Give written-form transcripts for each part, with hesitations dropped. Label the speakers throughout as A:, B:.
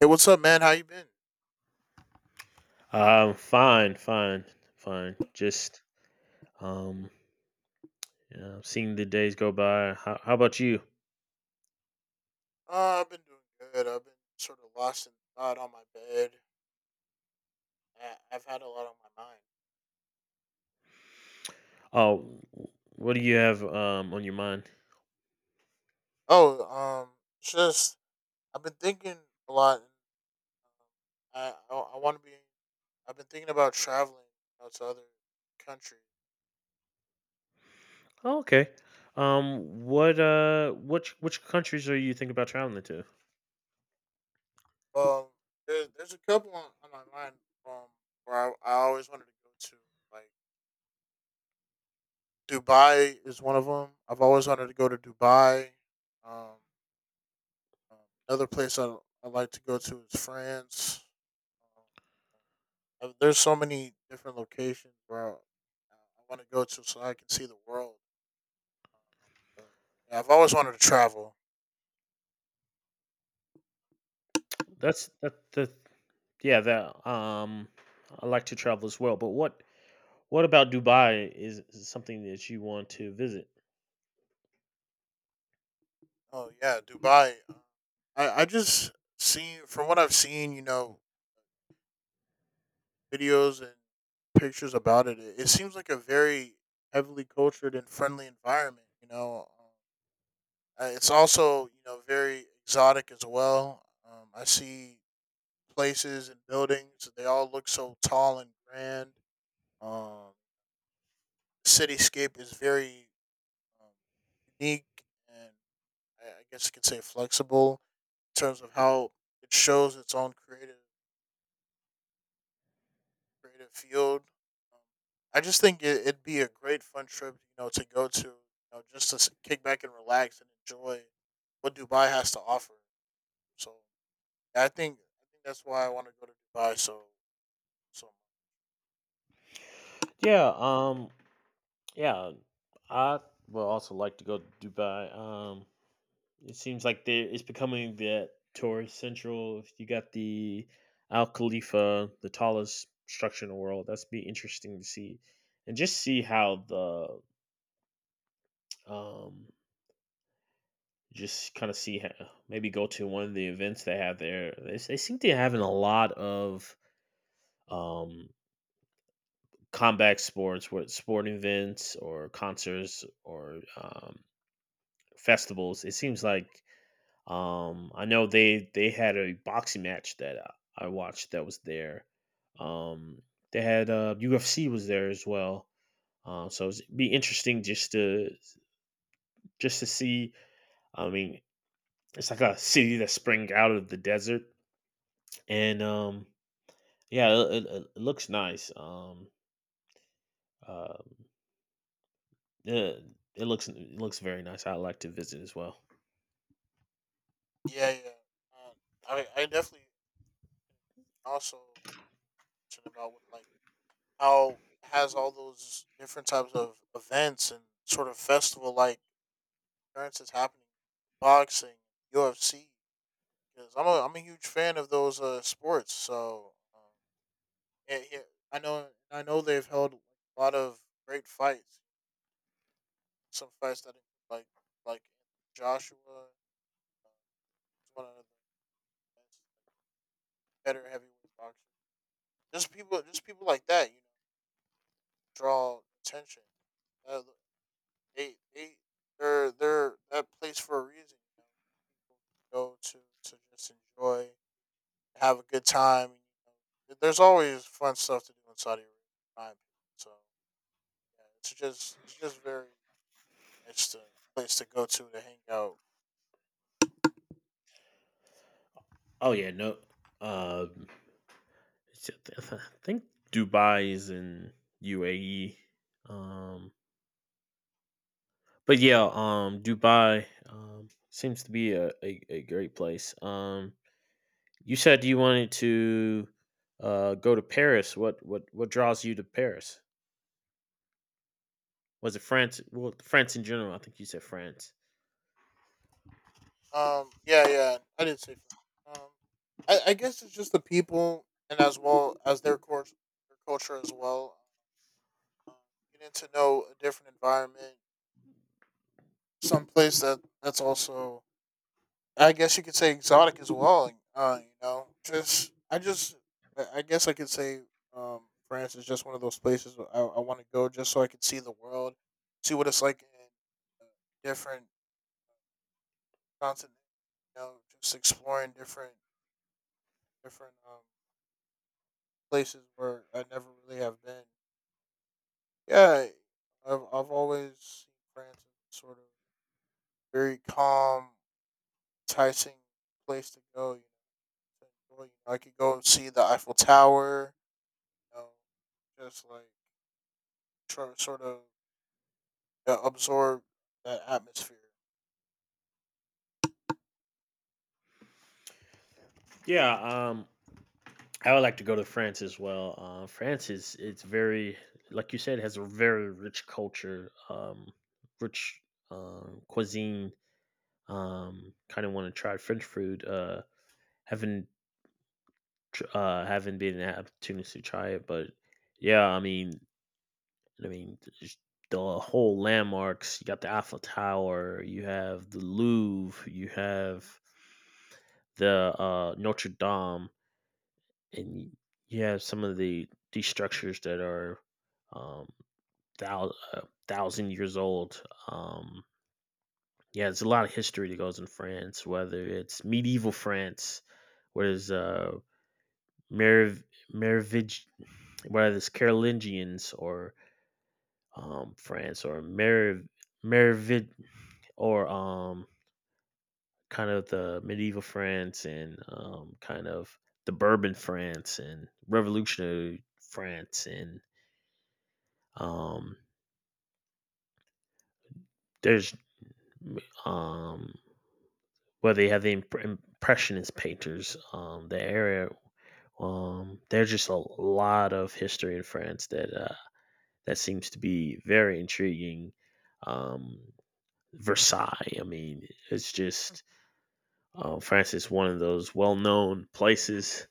A: Hey, what's up, man? How you been?
B: Fine, fine, fine. Just um, seeing the days go by. How about you?
A: I've been doing good. I've been sort of lost in thought on my bed. I've had a lot on my mind.
B: Oh, what do you have on your mind?
A: Oh, um, it's just I've been thinking a lot. I want to be. I've been thinking about traveling, you know, to other countries.
B: Oh, okay. What which countries are you thinking about traveling to?
A: Um, there's a couple on my mind. Um, where I always wanted to go to. Like Dubai is one of them. I've always wanted to go to Dubai. Um, Um, Another place I like to go to is France. There's so many different locations where I want to go to so I can see the world. Um, but, yeah, I've always wanted to travel.
B: That's that the Yeah, that I like to travel as well. But what about Dubai is something that you want to visit?
A: Oh yeah, Dubai. I just seen from what I've seen, you know, videos and pictures about it. It seems like a very heavily cultured and friendly environment. You know, it's also, you know, very exotic as well. I see places and buildings. They all look so tall and grand. Um, the cityscape is very, um, unique, and I guess you could say flexible in terms of how it shows its own creative field. Um, I just think it'd be a great fun trip, you know, to go to, you know, just to kick back and relax and enjoy what Dubai has to offer. So yeah, I think that's why I want to go to Dubai. So
B: Yeah, yeah, I would also like to go to Dubai. It seems like there it's becoming that tourist central. If you got the Al Khalifa, the tallest structure in the world, that's be interesting to see, and just see how the Um, just kind of see how, maybe go to one of the events they have there. They seem to be having a lot of um, combat sports, with sport events or concerts or festivals. It seems like, I know they had a boxing match that I watched that was there. Um, they had UFC was there as well. So it'd be interesting just to see. I mean, it's like a city that sprang out of the desert, and yeah, it looks nice. Um it, it looks very nice. I'd like to visit as well.
A: yeah, yeah. I definitely also mentioned about, with like how it has all those different types of events and sort of festival like occurrences happening, boxing, UFC. Because I'm a huge fan of those sports, so, yeah, yeah, I know they've held a lot of great fights. Some fights that include, like like Joshua, is one of the best, like, better heavyweight boxers. Just people like that, you know, draw attention. Uh, they they're that place for a reason. You know, people go to just enjoy, have a good time. You know, there's always fun stuff to do in Saudi Arabia, in my opinion. So yeah, it's just very nice to place to go to hang out.
B: Oh yeah, no, um I think Dubai is in UAE. um but yeah, Dubai seems to be a great place. You said you wanted to go to Paris. What draws you to Paris? Was it France? Well, France in general, I think you said France.
A: Yeah, yeah, I did say fun. I guess it's just the people, and as well as their culture as well. Um, Getting to know a different environment, some place that that's also, I guess you could say, exotic as well. You know, just I guess I could say, um, France is just one of those places I want to go just so I could see the world, see what it's like in, uh, different continents. You know, just exploring different, places where I never really have been. Yeah, I've always seen France as a sort of very calm, enticing place to go. You know, to enjoy. I could go and see the Eiffel Tower, you know, just like try, sort of, absorb that atmosphere.
B: Yeah, um, I would like to go to France as well. France is it's very, like you said, has a very rich culture, rich cuisine. Kind of want to try French food. Haven't haven't been an opportunity to try it, but yeah. I mean, just the whole landmarks. You got the Eiffel Tower. You have the Louvre. You have the Notre Dame, and you have some of the these structures that are um thou- uh, 1,000 years old. um yeah, there's a lot of history that goes in France, whether it's medieval France, where there's Merovingians, Merovig- whether it's Carolingians, or France, or Merov- Merovid or kind of the medieval France, and kind of the Bourbon France and revolutionary France, and um there's um where they have the impressionist painters, the area. There's just a lot of history in France that that seems to be very intriguing. um Versailles. I mean, it's just, France is one of those well-known places,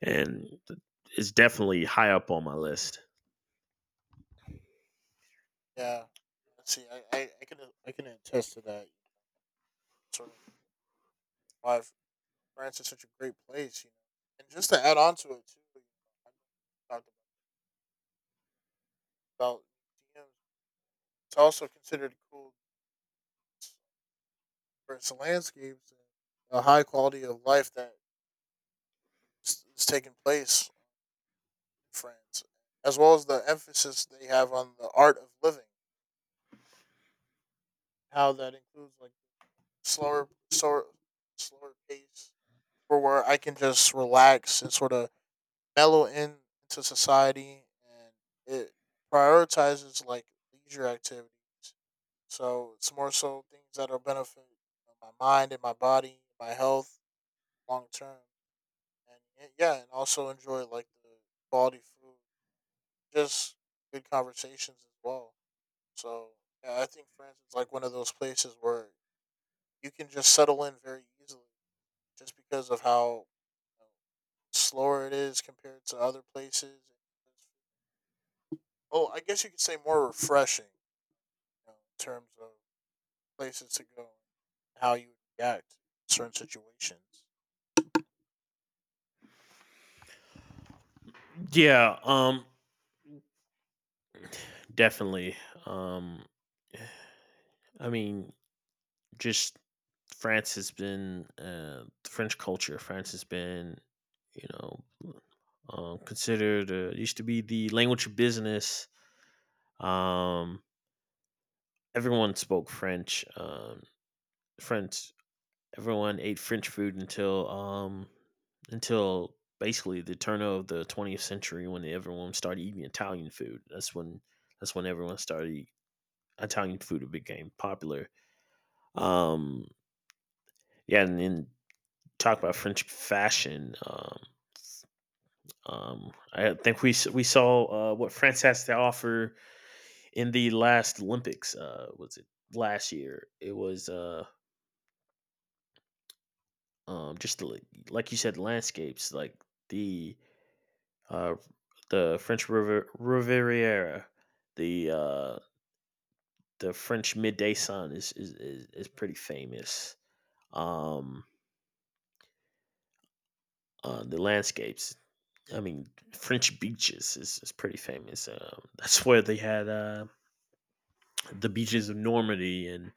B: and it's definitely high up on my list.
A: Yeah. See, I can, I can attest to that. Sort of why France is such a great place, you know. And just to add on to it too, you know, I talked about museums. It's also considered cool for its landscapes and the high quality of life that is taking place in France, as well as the emphasis they have on the art of living. How that includes like slower, slower, slower pace, for where I can just relax and sort of mellow in into society, and it prioritizes like leisure activities. So it's more so things that are benefit, you know, my mind and my body, my health long term, and yeah, and also enjoy like the quality food, just good conversations as well. So yeah, I think France is like one of those places where you can just settle in very easily just because of how, you know, slower it is compared to other places. Oh, I guess you could say more refreshing, you know, in terms of places to go, how you would react to certain situations.
B: Yeah, definitely. um I mean, just, France has been, French culture. France has been, you know, considered, used to be the language of business. Um, Everyone spoke French. French. Everyone ate French food until basically the turn of the 20th century when everyone started eating Italian food. That's when everyone started, Italian food became popular. Um, yeah, and then talk about French fashion. I think we saw, what France has to offer in the last Olympics. Was it last year? It was, just the, like you said, landscapes, like the uh, the French River, Riviera, the the French midday sun is pretty famous. Um, the landscapes. I mean, French beaches is pretty famous. That's where they had, the beaches of Normandy, and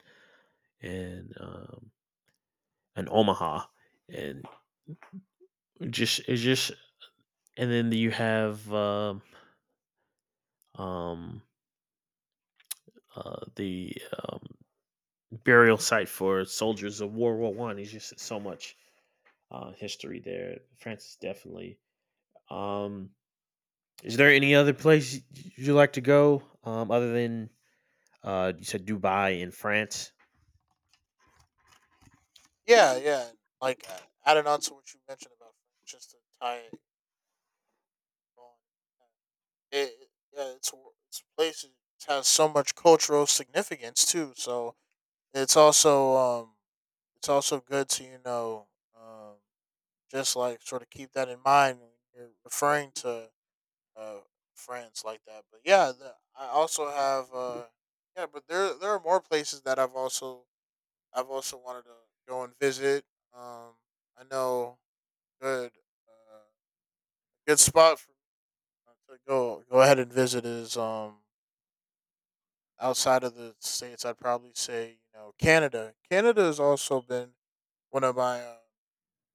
B: and um, Omaha, and just it's just, and then you have um, the um, burial site for soldiers of World War I. It's just so much history there. France, definitely. Um, is there any other place you like to go, other than, you said, Dubai and France?
A: Yeah, yeah. Like, adding on to what you mentioned about, just to tie it on, uh, it it- yeah, it's places has so much cultural significance too. So it's also, it's also good to, you know, um just like sort of keep that in mind when you're referring to, uh, friends like that. But yeah, I also have, yeah, but there are more places that I've also wanted to go and visit. Um, I know Good, uh, good spot for to go ahead and visit is, outside of the states. I'd probably say, you know, Canada. Canada has also been one of my, uh,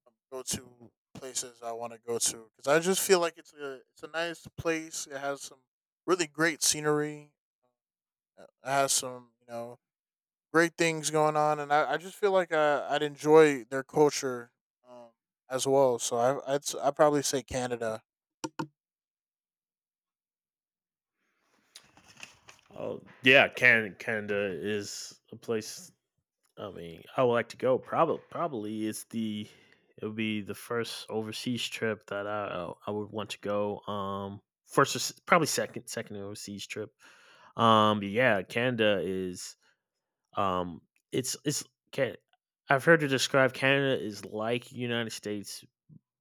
A: um, go to places I want to go to because I just feel like it's a nice place. It has some really great scenery. It has some, you know, great things going on, and I just feel like I'd enjoy their culture, um, as well. So I'd probably say Canada.
B: Oh yeah, Canada. Canada is a place, I mean, I would like to go. Probably it would be the first overseas trip that I would want to go. First or probably second overseas trip. But yeah, Canada is um, it's can I've heard it described, Canada is like United States,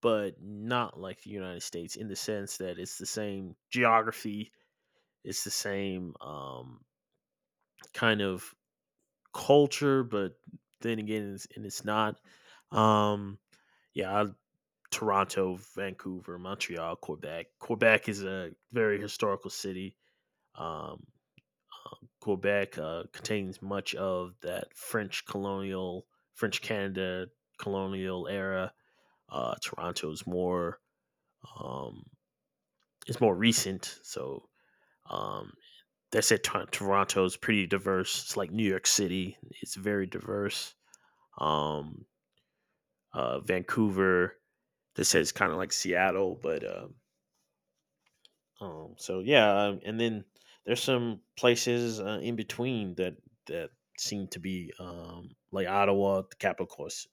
B: but not like the United States, in the sense that it's the same geography, it's the same kind of culture, but then again, and it's not. Um, yeah. Toronto, Vancouver, Montreal, Quebec. Quebec is a very historical city. Um, Quebec contains much of that French colonial, French Canada colonial era. Toronto is um, more recent, so. um, that said, Toronto is pretty diverse. It's like New York City; it's very diverse. Um, Vancouver. This is kind of like Seattle, but. So yeah, and then there's some places, in between, that seem to be, like Ottawa, the capital, course,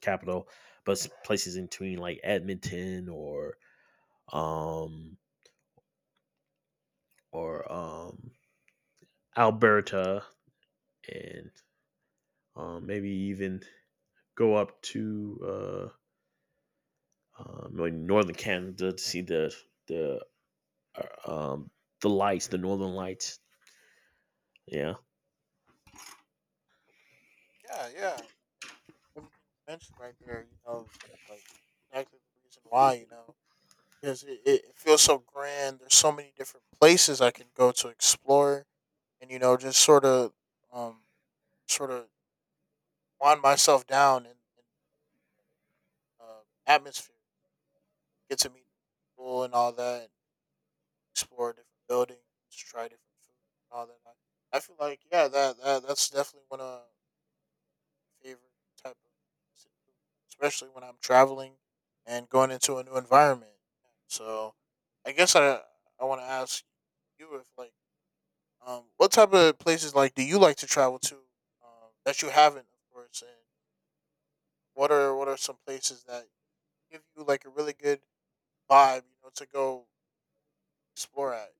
B: capital, but places in between, like Edmonton, um, or Alberta, and, maybe even go up to, like northern Canada to see the uh, um, the lights, the northern lights. Yeah.
A: Yeah, yeah. And everything you mentioned right there, you know, like exactly the reason why, you know, because it feels so grand. There's so many different places I can go to explore and, you know, just sort of, um sort of wind myself down in, atmosphere, get to meet people and all that, and explore different buildings, try different food and all that. I feel like yeah, that's definitely one of my favorite type of things to do, especially when I'm traveling and going into a new environment. So I guess I want to ask you, if like, what type of places like do you like to travel to, that you haven't, of course. What are some places that give you like a really good vibe, you know, to go explore at?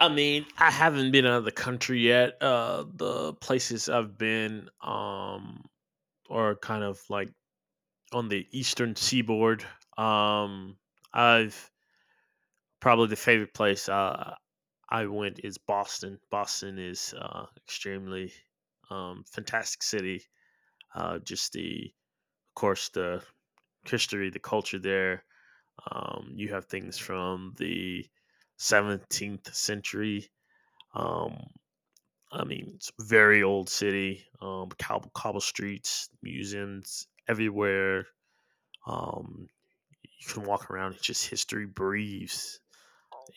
B: I mean, I haven't been out of the country yet. The places I've been, are kind of like on the eastern seaboard. Um I've Probably the favorite place, I went, is Boston. Boston is, extremely, fantastic city. Just the, of course, the history, the culture there. You have things from the 17th century. um I mean, it's a very old city, cobble streets, museums everywhere. Um, you can walk around; it's just history breathes.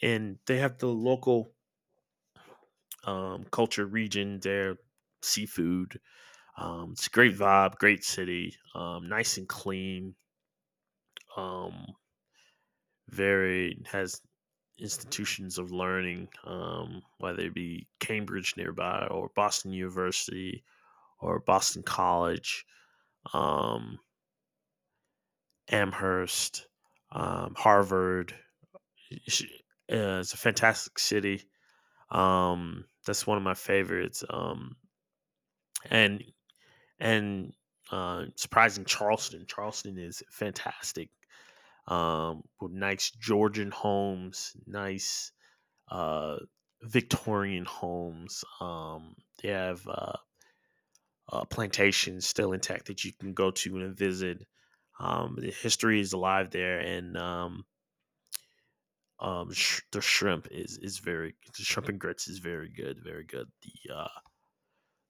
B: And they have the local, culture region there, seafood. It's a great vibe, great city, nice and clean. Um, Very has institutions of learning, whether it be Cambridge nearby, or Boston University or Boston College. Um, Amherst, Harvard. It's a fantastic city. That's one of my favorites. And and surprising, Charleston. Charleston is fantastic. With nice Georgian homes, nice, uh, Victorian homes. They have plantations still intact that you can go to and visit. The history is alive there, and. The shrimp and grits is very good, very good. The uh,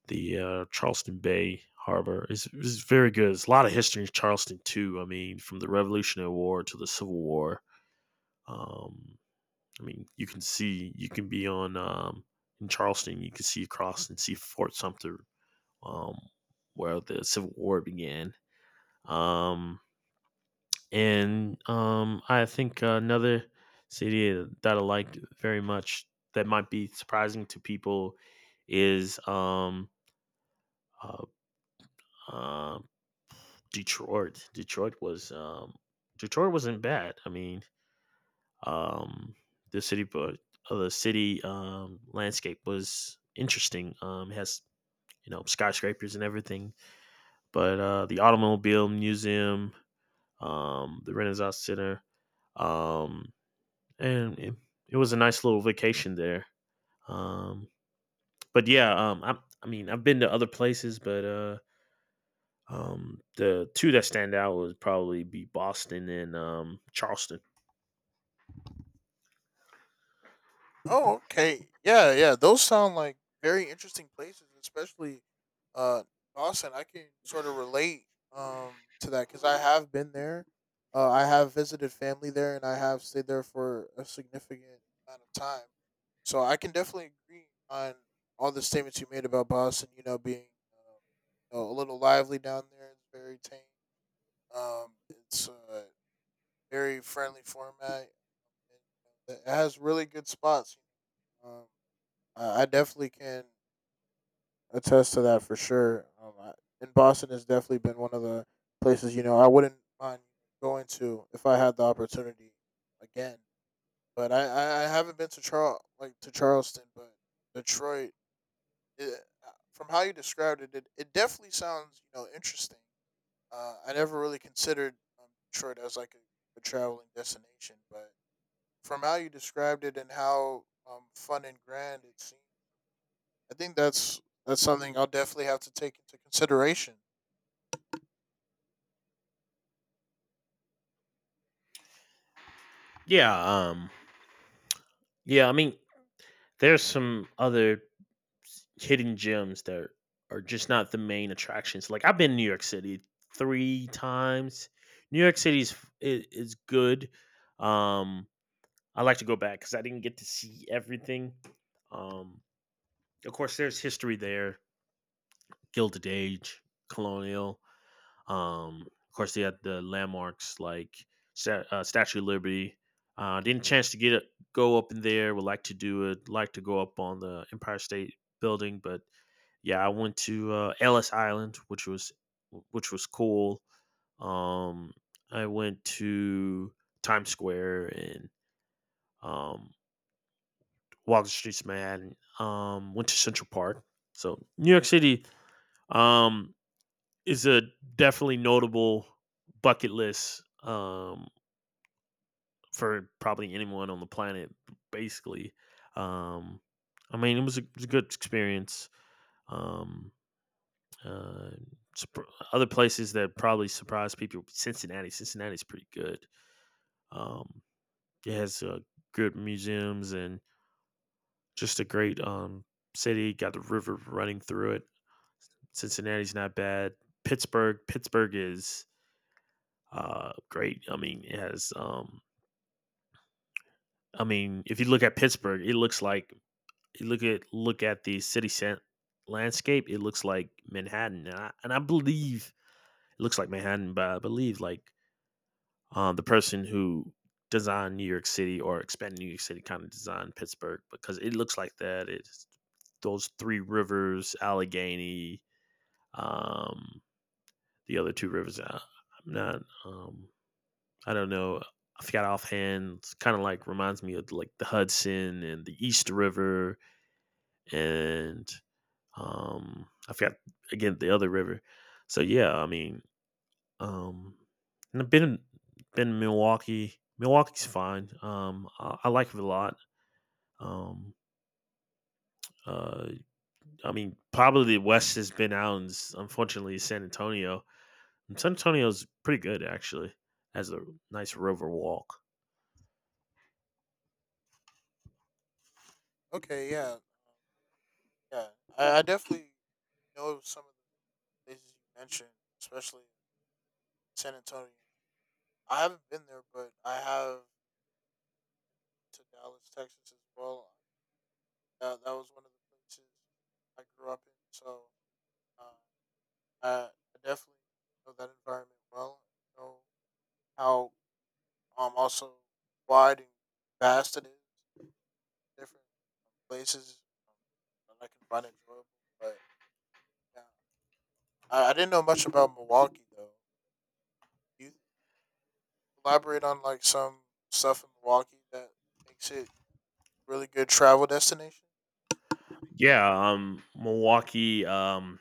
B: the uh, Charleston Bay Harbor is very good. It's a lot of history in Charleston too. I mean, from the Revolutionary War to the Civil War. Um, I mean, you can be on, in Charleston. You can see across and see Fort Sumter, um, where the Civil War began. Um, And I think another city that I liked very much that might be surprising to people is, uh, uh, Detroit. Detroit was Detroit wasn't bad. I mean, um, the city, but the city, landscape was interesting. It has, skyscrapers and everything, but, the automobile museum, the Renaissance Center, um, and it was a nice little vacation there. Um, but yeah, I mean, I've been to other places, but, the two that stand out would probably be Boston and, Charleston.
A: Oh, okay. Yeah, yeah. Those sound like very interesting places, especially, uh Boston. I can sort of relate, to that cuz I have been there. I have visited family there and I have stayed there for a significant amount of time. So I can definitely agree on all the statements you made about Boston, you know, being, you know, a little lively down there. It's very tame. It's a very friendly format. It has really good spots. Um, I definitely can attest to that for sure. And Boston has definitely been one of the places, you know, I wouldn't mind going to if I had the opportunity again. But I haven't been to Charleston, but Detroit. It, from how you described it, it definitely sounds, you know, interesting. I never really considered, Detroit as like a traveling destination, but from how you described it and how, fun and grand it seemed, I think that's something I'll definitely have to take into consideration.
B: Yeah, yeah. I mean, there's some other hidden gems that are just not the main attractions. Like I've been to New York City three times. New York City's is good. Um, I like to go back because I didn't get to see everything. Um, of course, there's history there: Gilded Age, Colonial. Of course, they had the landmarks like, Statue of Liberty. Didn't chance to get it, go up in there. Would like to do it. Like to go up on the Empire State Building, but yeah, I went to, Ellis Island, which was cool. Um, I went to Times Square and, um, walked the streets of Manhattan. Went to Central Park. So New York City, um, is a definitely notable bucket list, for probably anyone on the planet. Basically, um, I mean, it was a good experience. Um, uh, surpr- Other places that probably surprise people: Cincinnati. Cincinnati's pretty good. Um, it has, good museums, and just a great, city. Got the river running through it. Cincinnati's not bad. Pittsburgh, is, great. I mean, it has. I mean, if you look at Pittsburgh, it looks like, you look at the city cent- landscape. It looks like Manhattan, and I believe it looks like Manhattan, but I believe, like, the person who designed New York City or expanded New York City kind of designed Pittsburgh because it looks like that. It's those three rivers: Allegheny, um, the other two rivers. I'm not. I don't know. I forgot offhand. It's kind of like reminds me of like the Hudson and the East River, and I forgot again the other river. So yeah, I mean, Um, and I've been in Milwaukee. Milwaukee's fine. I like it a lot. Um, uh, I mean, probably the West has been out, and unfortunately, San Antonio. And San Antonio's pretty good actually. Has a nice river walk.
A: Okay, yeah, yeah, I definitely know some of the places you mentioned, especially San Antonio. I haven't been there, but I have to Dallas, Texas as well. That was one of the places I grew up in, so. Uh, Uh, I definitely know that environment well. I know how, also wide and vast it is, different, places, um, that I can find enjoyable. But yeah, I didn't know much about Milwaukee though. Can you elaborate on like some stuff in Milwaukee that makes it really good travel destination?
B: Yeah, Milwaukee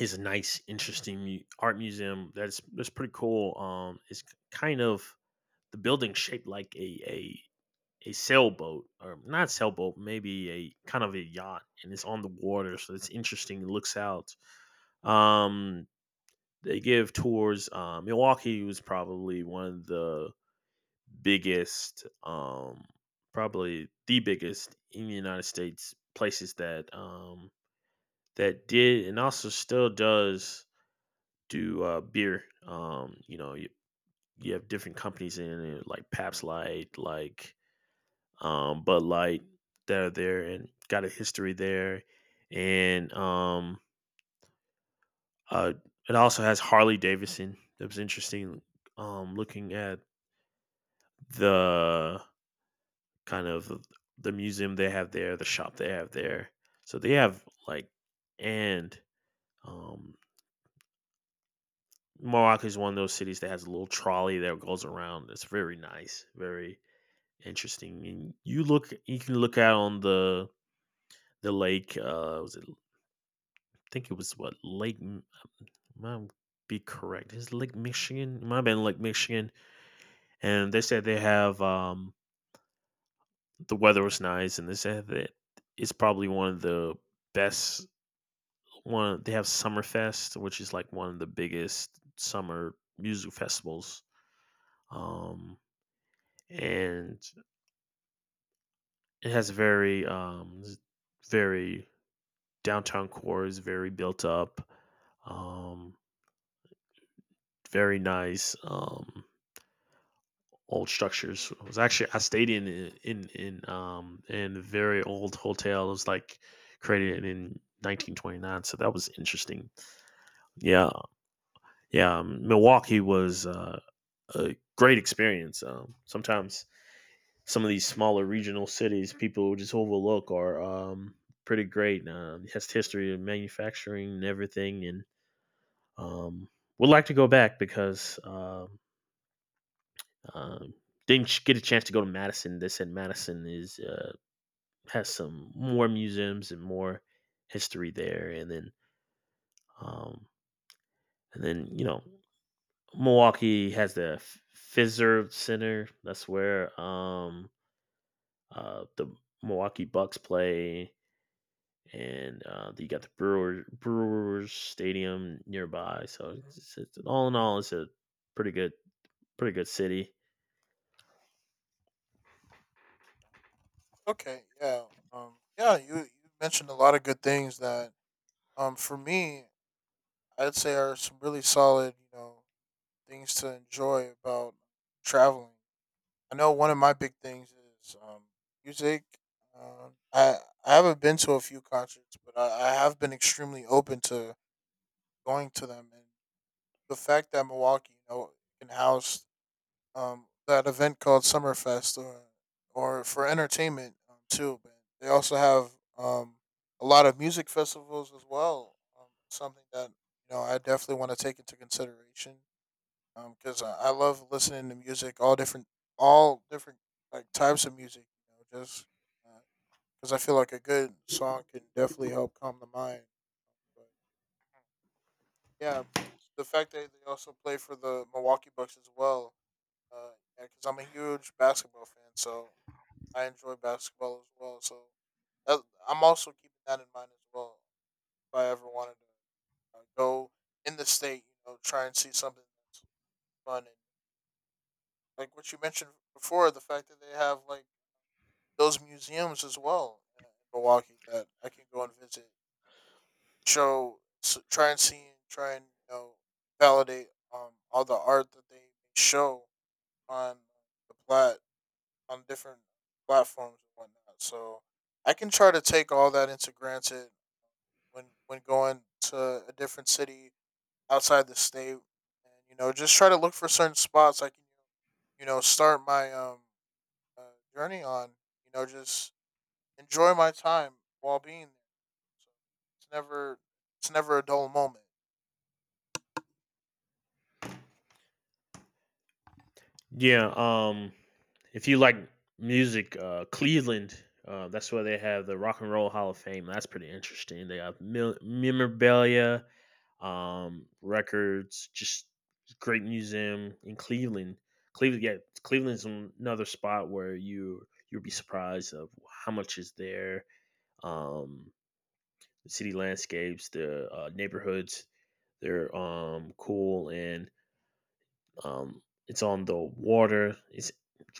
B: is a nice, interesting art museum. That's pretty cool. Kind of the building shaped like a sailboat, or not sailboat, maybe a kind of a yacht, and it's on the water, so it's interesting. It looks out. Um, they give tours. Milwaukee was probably one of the biggest, um, probably the biggest in the United States places that that did and also still does do beer. You have different companies in it, like Pabst Light, like Bud Light that are there and got a history there, and uh, it also has Harley Davidson. That was interesting. Looking at the kind of the museum they have there, the shop they have there. So they have like, and um, Morocco is one of those cities that has a little trolley that goes around. It's very nice, very interesting. And you can look out on the lake. Was it I think it was might be correct. It's Lake Michigan. It might have been Lake Michigan. And they said they have the weather was nice, and they said that it's probably one of the best one. They have Summerfest, which is like one of the biggest summer music festivals. Um and it has very very downtown core is very built up. Um Very nice. Old structures. It was actually I stayed in a very old hotel. It was like created in 1929, so that was interesting. Yeah, yeah. Milwaukee was a great experience. Sometimes some of these smaller regional cities people just overlook are pretty great. It has history of manufacturing and everything, and um would like to go back because um didn't get a chance to go to Madison. They said Madison is has some more museums and more history there. Um, and then you know, Milwaukee has the Fiserv Center. That's where the Milwaukee Bucks play, and you got the Brewers Stadium nearby. All in all, it's a pretty good, pretty good city.
A: Okay, yeah, yeah, you mentioned a lot of good things that, for me I'd say are some really solid, you know, things to enjoy about traveling. I know one of my big things is, music. Um, I I haven't been to a few concerts, but I have been extremely open to going to them. And the fact that Milwaukee, you know, can house, that event called Summerfest, or for entertainment, too. But they also have, um, a lot of music festivals as well. Something that, you know, I definitely want to take into consideration because I love listening to music, all different like types of music. You know, just because I feel like a good song can definitely help calm the mind. But yeah, the fact that they also play for the Milwaukee Bucks as well, because yeah, 'cause I'm a huge basketball fan, so I enjoy basketball as well. So that, I'm also keeping that in mind as well. If I ever wanted to, go in the state, you know, try and see something that's fun like what you mentioned before, the fact that they have like those museums as well, in Milwaukee that I can go and visit, show, s try and see, and try and, you know, validate, all the art that they show on the plat on different platforms and whatnot. So I can try to take all that into granted when going to a different city outside the state, and you know just try to look for certain spots I can, you know, start my, uh, journey on. You know, just enjoy my time while being there. So it's never it's never a dull moment.
B: Yeah. If you like music, Cleveland, that's where they have the Rock and Roll Hall of Fame. That's pretty interesting. They have memorabilia, records, just great museum in Cleveland. Cleveland, yeah, Cleveland's another spot where you'll be surprised of how much is there. Um, the city landscapes, the neighborhoods, they're cool, and um it's on the water. It's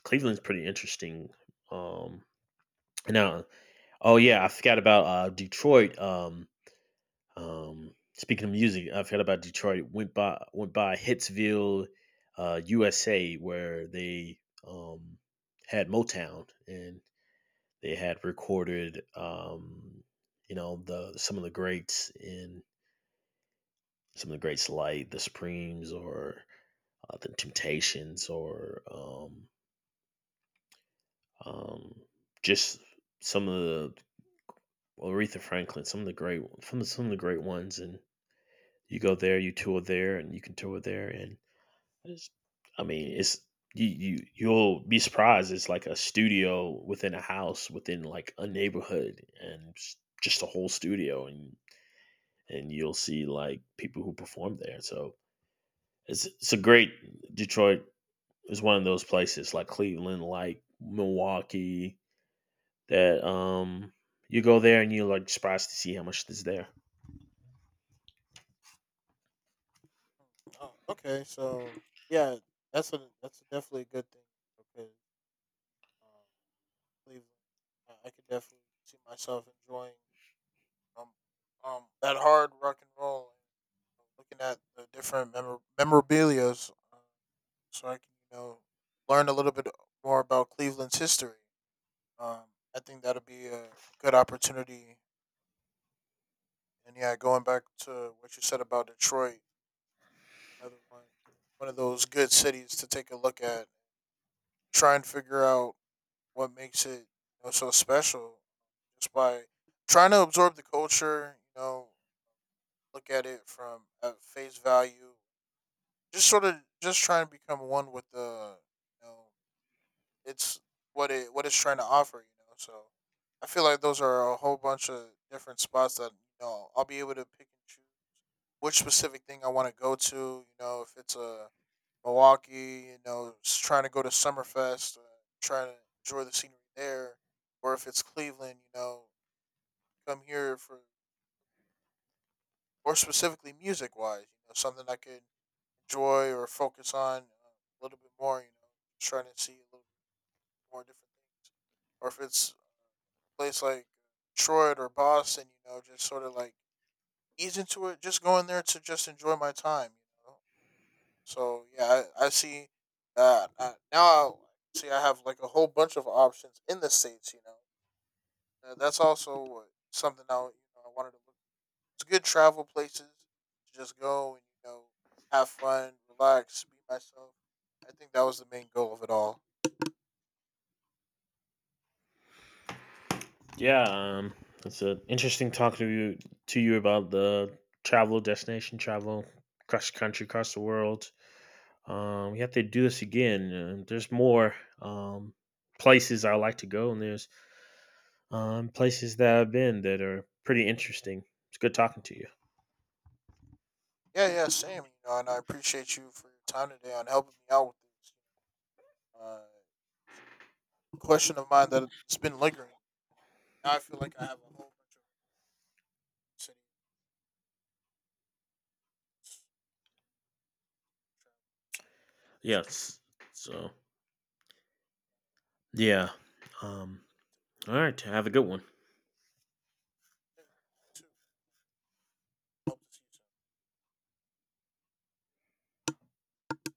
B: Cleveland's pretty interesting. Um, no. Oh yeah, I forgot about Detroit. Speaking of music, I forgot about Detroit. Went by Hitsville, USA, where they um, had Motown, and they had recorded you know, the some of the greats like the Supremes, or the Temptations, or um, just some of the Aretha Franklin, some of the great ones. And You go there, you tour there, and you can tour there, and it's, I mean, it's you'll be surprised. It's like a studio within a house, within like a neighborhood, and it's just a whole studio, and you'll see like people who perform there. So it's a great Detroit is one of those places like Cleveland, like Milwaukee that you go there and you're like surprised to see how much is there.
A: Oh, okay, so yeah, that's definitely a good thing because, um, Cleveland, I could definitely see myself enjoying, um that hard rock and roll and looking at the different memorabilia's, so I can, you know, learn a little bit more about Cleveland's history. Um, I think that'll be a good opportunity. And yeah, going back to what you said about Detroit, another one, one of those good cities to take a look at. Try and figure out what makes it, you know, so special, just by trying to absorb the culture. You know, look at it from at face value. Just sort of Just trying to become one with the, you know, it's what it what it's trying to offer, you know. So I feel like those are a whole bunch of different spots that, you know, I'll be able to pick and choose which specific thing I want to go to. You know, if it's a Milwaukee, you know, trying to go to Summerfest, trying to enjoy the scenery there, or if it's Cleveland, you know, come here for or specifically music wise, you know, something I could enjoy or focus on, a little bit more. You know, trying to see a little more different things. Or if it's a place like Detroit or Boston, you know, just sort of like ease into it, just going there to just enjoy my time, you know. So yeah, I see that now. See, I have like a whole bunch of options in the states, you know. That's also, something I, you know, I wanted to look. It's good travel places to just go and, you know, have fun, relax, be myself. I think that was the main goal of it all.
B: Yeah, it's an interesting talk to you about the travel across the country, across the world. We have to do this again. There's more um, places I like to go, and there's places that I've been that are pretty interesting. It's good talking to you.
A: Yeah, yeah, same. You know, and I appreciate you for your time today on helping me out with this. Uh, it's a question of mine that it's been lingering. Now I feel like I have a whole bunch of city travel destination. So,
B: Yes. So yeah. Um, all right. Have a good one.
A: yeah, yeah, you too. Hope to see you soon.